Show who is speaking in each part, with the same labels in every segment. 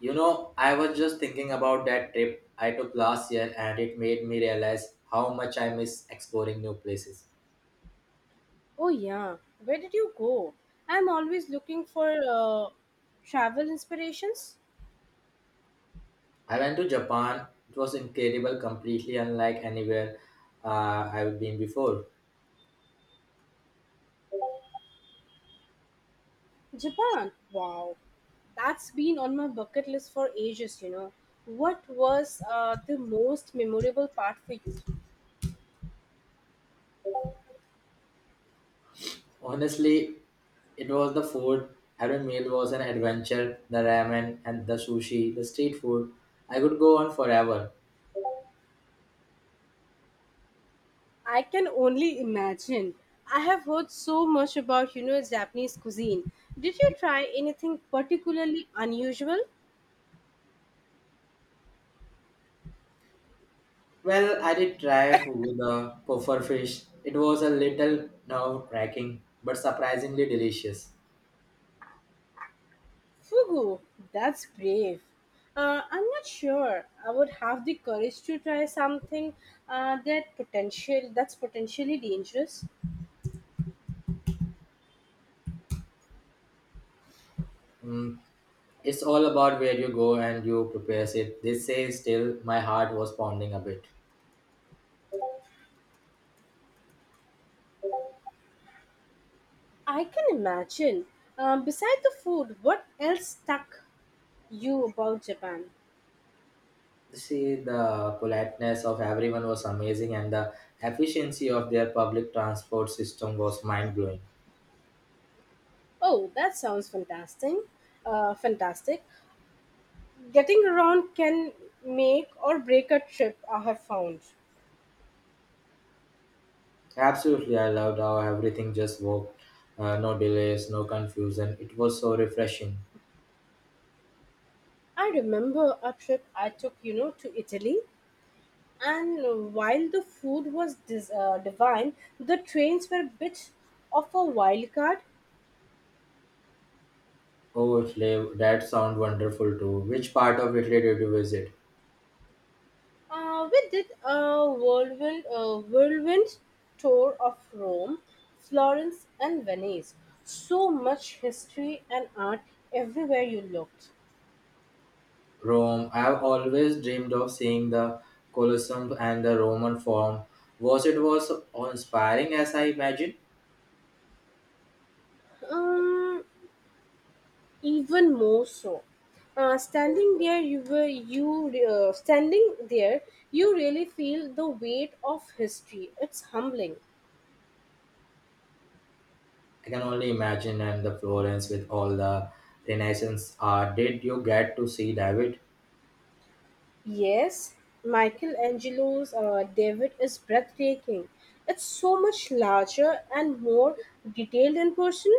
Speaker 1: You know, I was just thinking about that trip I took last year, and it made me realize how much I miss exploring new places.
Speaker 2: Oh yeah, where did you go? I'm always looking for travel inspirations.
Speaker 1: I went to Japan. It was incredible, completely unlike anywhere I've been before.
Speaker 2: Japan. Wow, that's been on my bucket list for ages. What was the most memorable part for you?
Speaker 1: Honestly, it was the food. Every meal was an adventure: the ramen and the sushi, the street food. I could go on forever.
Speaker 2: I can only imagine. I have heard so much about Japanese cuisine. Did you try anything particularly unusual?
Speaker 1: Well, I did try fugu, the puffer fish. It was a little nerve wracking, but surprisingly delicious.
Speaker 2: Fugu, that's brave. I'm not sure I would have the courage to try something that's potentially dangerous.
Speaker 1: Mm. It's all about where you go and you prepare it, they say. Still, my heart was pounding a bit.
Speaker 2: I can imagine. Beside the food, what else stuck you about Japan?
Speaker 1: See, the politeness of everyone was amazing, and the efficiency of their public transport system was mind blowing.
Speaker 2: Oh, that sounds fantastic. Getting around can make or break a trip, I have found.
Speaker 1: Absolutely, I loved how everything just worked. No delays, no confusion. It was so refreshing.
Speaker 2: I remember a trip I took, you know, to Italy. And while the food was divine, the trains were a bit of a wild card.
Speaker 1: Oh, Italy, that sounds wonderful too. Which part of Italy did you visit?
Speaker 2: We did a whirlwind tour of Rome, Florence, and Venice. So much history and art everywhere you looked.
Speaker 1: Rome. I've always dreamed of seeing the Colosseum and the Roman Forum. Was it was so inspiring as I imagined?
Speaker 2: Um, Even more so. Standing there, you were you standing there. You really feel the weight of history. It's humbling.
Speaker 1: I can only imagine. And the Florence with all the Renaissance art. Did you get to see David?
Speaker 2: Yes, Michelangelo's David is breathtaking. It's so much larger and more detailed in person,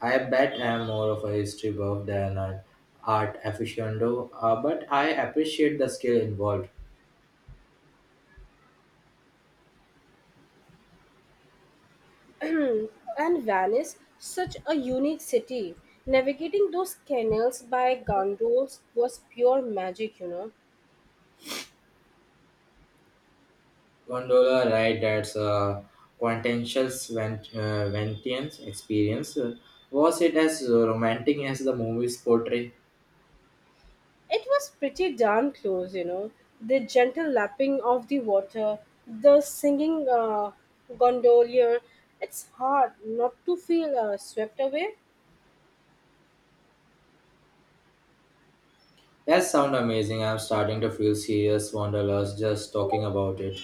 Speaker 1: I bet. I'm more of a history buff than an art aficionado, but I appreciate the skill involved.
Speaker 2: and Venice, such a unique city. Navigating those canals by gondolas was pure magic,
Speaker 1: Gondola ride, that's a quintessential Ventian experience. Was it as romantic as the movies portray?
Speaker 2: It was pretty darn close, The gentle lapping of the water, the singing gondolier. It's hard not to feel swept away.
Speaker 1: That sounds amazing. I'm starting to feel serious wanderlust just talking about it.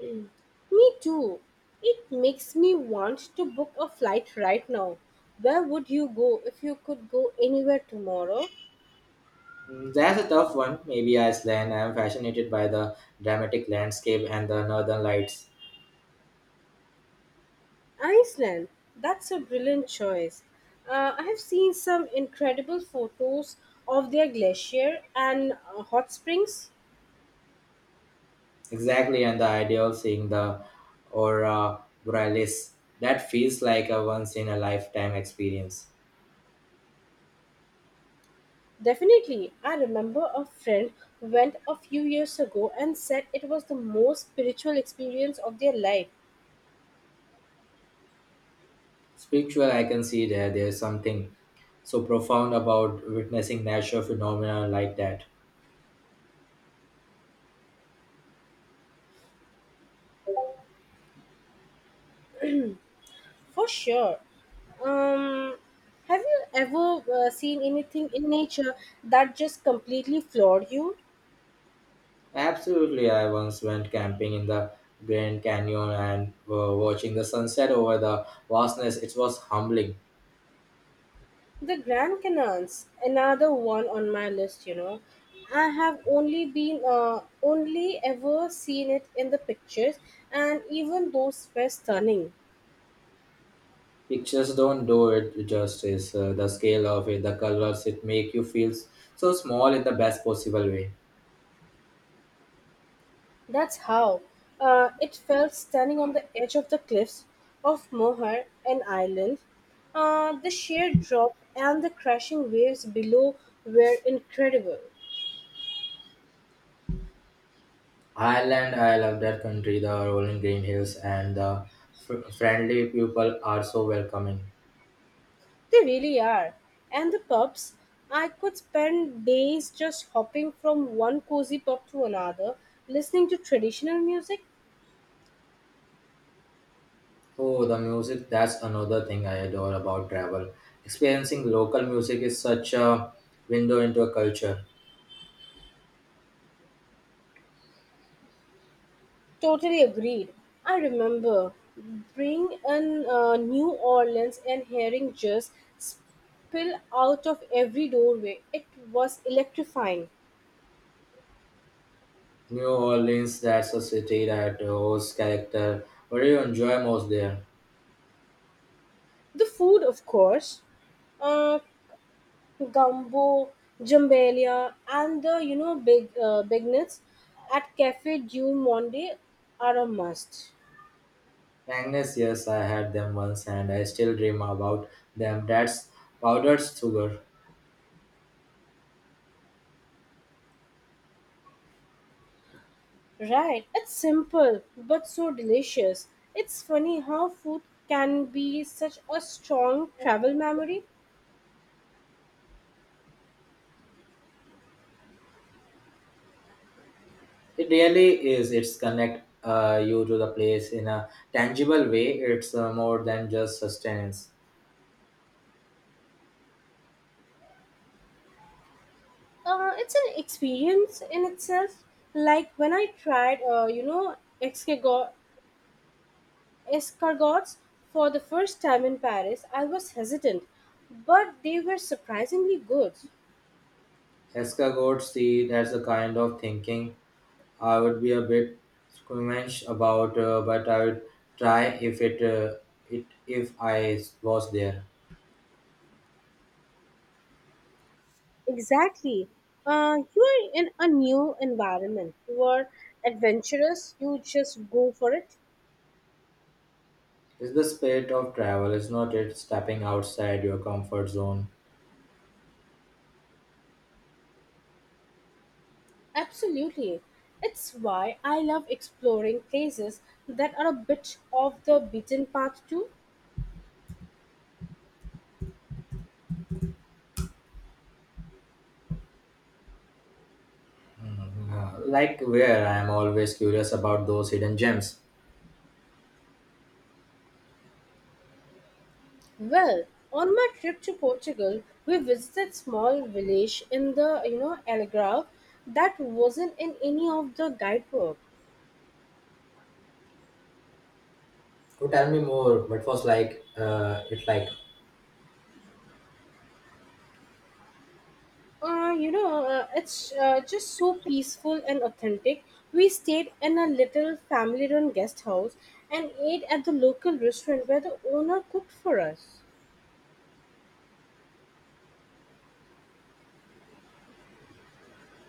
Speaker 2: Mm. Me too. It makes me want to book a flight right now. Where would you go if you could go anywhere tomorrow?
Speaker 1: Mm. That's a tough one. Maybe Iceland. I'm fascinated by the dramatic landscape and the northern lights.
Speaker 2: Iceland. That's a brilliant choice. I have seen some incredible photos of their glacier and hot springs.
Speaker 1: Exactly, and the idea of seeing the aurora borealis. That feels like a once in a lifetime experience.
Speaker 2: Definitely. I remember a friend who went a few years ago and said it was the most spiritual experience of their life.
Speaker 1: Spiritual, I can see there. There's something so profound about witnessing natural phenomena like that.
Speaker 2: For sure. Um, have you ever seen anything in nature that just completely floored you?
Speaker 1: Absolutely, I once went camping in the Grand Canyon and watching the sunset over the vastness. It was humbling.
Speaker 2: The Grand Canons, another one on my list. I have only ever seen it in the pictures, and even those were stunning.
Speaker 1: Pictures don't do it justice. The scale of it, the colors, it make you feel so small in the best possible way.
Speaker 2: That's how it felt standing on the edge of the cliffs of Moher and Island. The sheer drop and the crashing waves below were incredible.
Speaker 1: Ireland, I love that country. The rolling green hills and the friendly people are so welcoming.
Speaker 2: They really are. And the pubs, I could spend days just hopping from one cozy pub to another, listening to traditional music.
Speaker 1: Oh, the music, that's another thing I adore about travel. Experiencing local music is such a window into a culture.
Speaker 2: Totally agreed. I remember being in New Orleans and hearing just spill out of every doorway. It was electrifying.
Speaker 1: New Orleans, that's a city that hosts character. What do you enjoy most there?
Speaker 2: The food, of course, uh, gumbo, jambelia, and the big bignets at Cafe Du Monde are a must.
Speaker 1: Magnets, yes, I had them once and I still dream about them. That's powdered sugar.
Speaker 2: Right? It's simple but so delicious. It's funny how food can be such a strong travel memory.
Speaker 1: It really is. It's connect you to the place in a tangible way. It's more than just sustenance.
Speaker 2: It's an experience in itself. Like when I tried, escargot, escargots for the first time in Paris, I was hesitant, but they were surprisingly good.
Speaker 1: Escargot, see, that's the kind of thinking I would be a bit squeamish about, but I would try if it, if I was there.
Speaker 2: Exactly. You are in a new environment. You are adventurous. You just go for it.
Speaker 1: Is the spirit of travel is not it stepping outside your comfort zone?
Speaker 2: Absolutely. It's why I love exploring places that are a bit off the beaten path too.
Speaker 1: Like where I am always curious about those hidden gems.
Speaker 2: Well, on my trip to Portugal, we visited small village in the Algarve that wasn't in any of the guidebook.
Speaker 1: So tell me more, what was like, it like?
Speaker 2: It's just so peaceful and authentic. We stayed in a little family-run guest house and ate at the local restaurant where the owner cooked for us.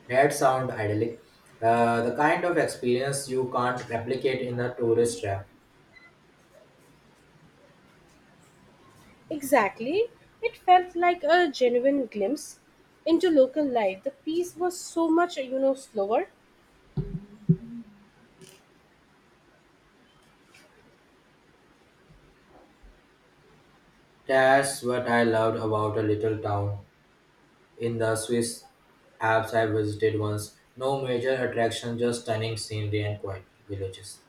Speaker 1: That sound idyllic, the kind of experience you can't replicate in a tourist trap.
Speaker 2: Exactly, it felt like a genuine glimpse into local life. The peace was so much slower.
Speaker 1: That's what I loved about a little town in the swiss alps I visited once. No major attraction, just stunning scenery and quiet villages.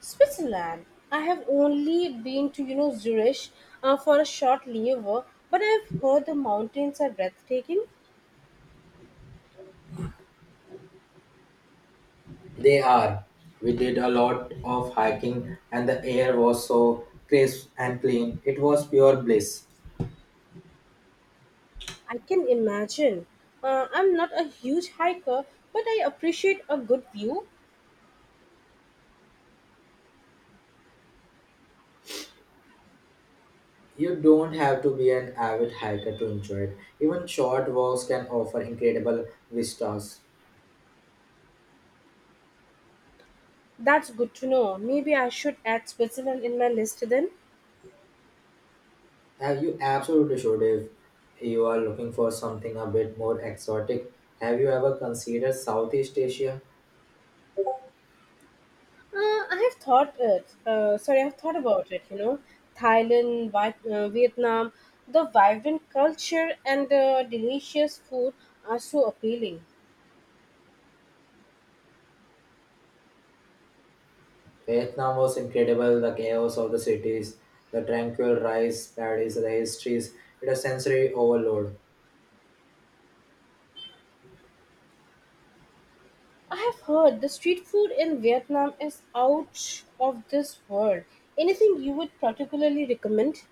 Speaker 2: Switzerland. I have only been to Zurich for a short layover, but I've heard the mountains are breathtaking.
Speaker 1: They are. We did a lot of hiking and the air was so crisp and clean. It was pure bliss.
Speaker 2: I can imagine. I'm not a huge hiker, but I appreciate a good view.
Speaker 1: You don't have to be an avid hiker to enjoy it. Even short walks can offer incredible vistas.
Speaker 2: That's good to know. Maybe I should add Switzerland in my list then.
Speaker 1: You absolutely should. If you are looking for something a bit more exotic, have you ever considered Southeast Asia?
Speaker 2: I've thought about it. You know, Thailand, Vietnam, the vibrant culture and the delicious food are so appealing.
Speaker 1: Vietnam was incredible, the chaos of the cities, the tranquil rice paddies, the histories. It a sensory overload.
Speaker 2: I have heard the street food in Vietnam is out of this world. Anything you would particularly recommend?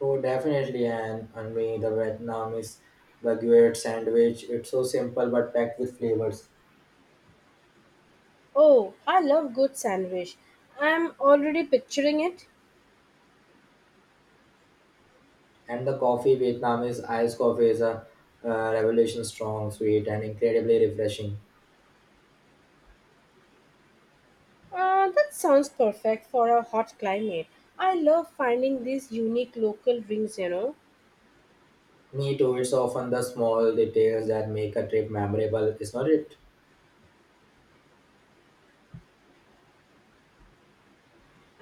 Speaker 1: Oh, definitely, and me the Vietnamese baguette sandwich. It's so simple but packed with flavors.
Speaker 2: Oh, I love good sandwich. I'm already picturing it.
Speaker 1: And the coffee, Vietnamese iced coffee is a revelation: strong, sweet, and incredibly refreshing.
Speaker 2: That sounds perfect for a hot climate. I love finding these unique local drinks,
Speaker 1: Me too. It's often the small details that make a trip memorable, is not it?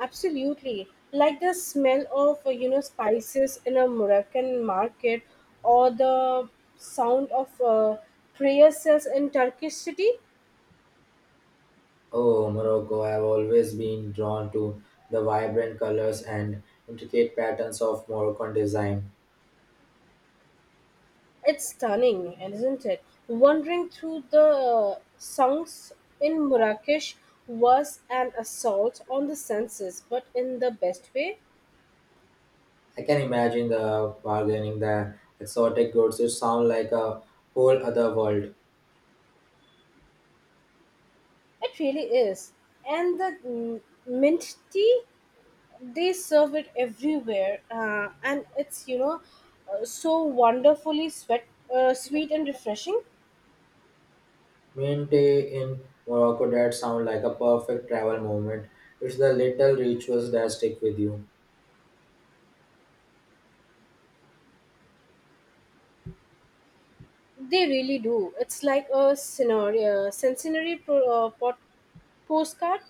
Speaker 2: Absolutely. Like the smell of, spices in a Moroccan market or the sound of prayer cells in Turkish city.
Speaker 1: Oh, Morocco! I've always been drawn to the vibrant colors and intricate patterns of Moroccan design.
Speaker 2: It's stunning, isn't it? Wandering through the sunks in Marrakesh was an assault on the senses, but in the best way.
Speaker 1: I can imagine the bargaining, the exotic goods. It sounds like a whole other world.
Speaker 2: It really is. And the mint tea, they serve it everywhere, and it's so wonderfully sweat, sweet and refreshing.
Speaker 1: Mint in Morocco, that sounds like a perfect travel moment. It's the little rituals that stick with you.
Speaker 2: They really do. It's like a scenario, scenary pro, pot, postcard.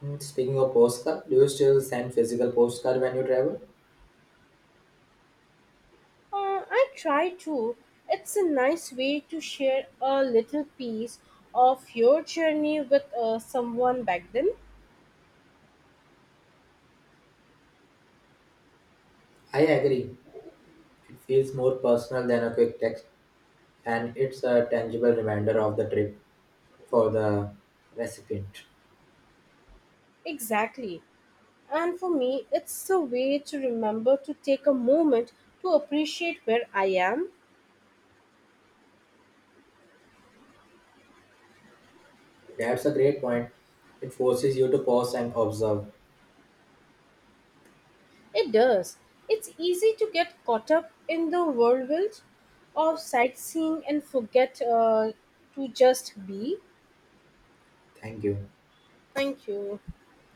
Speaker 1: Hmm, speaking of postcard, do you still send physical postcard when you travel?
Speaker 2: I try to. It's a nice way to share a little piece of your journey with someone back then.
Speaker 1: I agree. It feels more personal than a quick text, and it's a tangible reminder of the trip for the recipient.
Speaker 2: Exactly. And for me, it's a way to remember to take a moment to appreciate where I am.
Speaker 1: That's a great point. It forces you to pause and observe.
Speaker 2: It does. It's easy to get caught up in the whirlwind of sightseeing and forget to just be.
Speaker 1: Thank you.
Speaker 2: Thank you.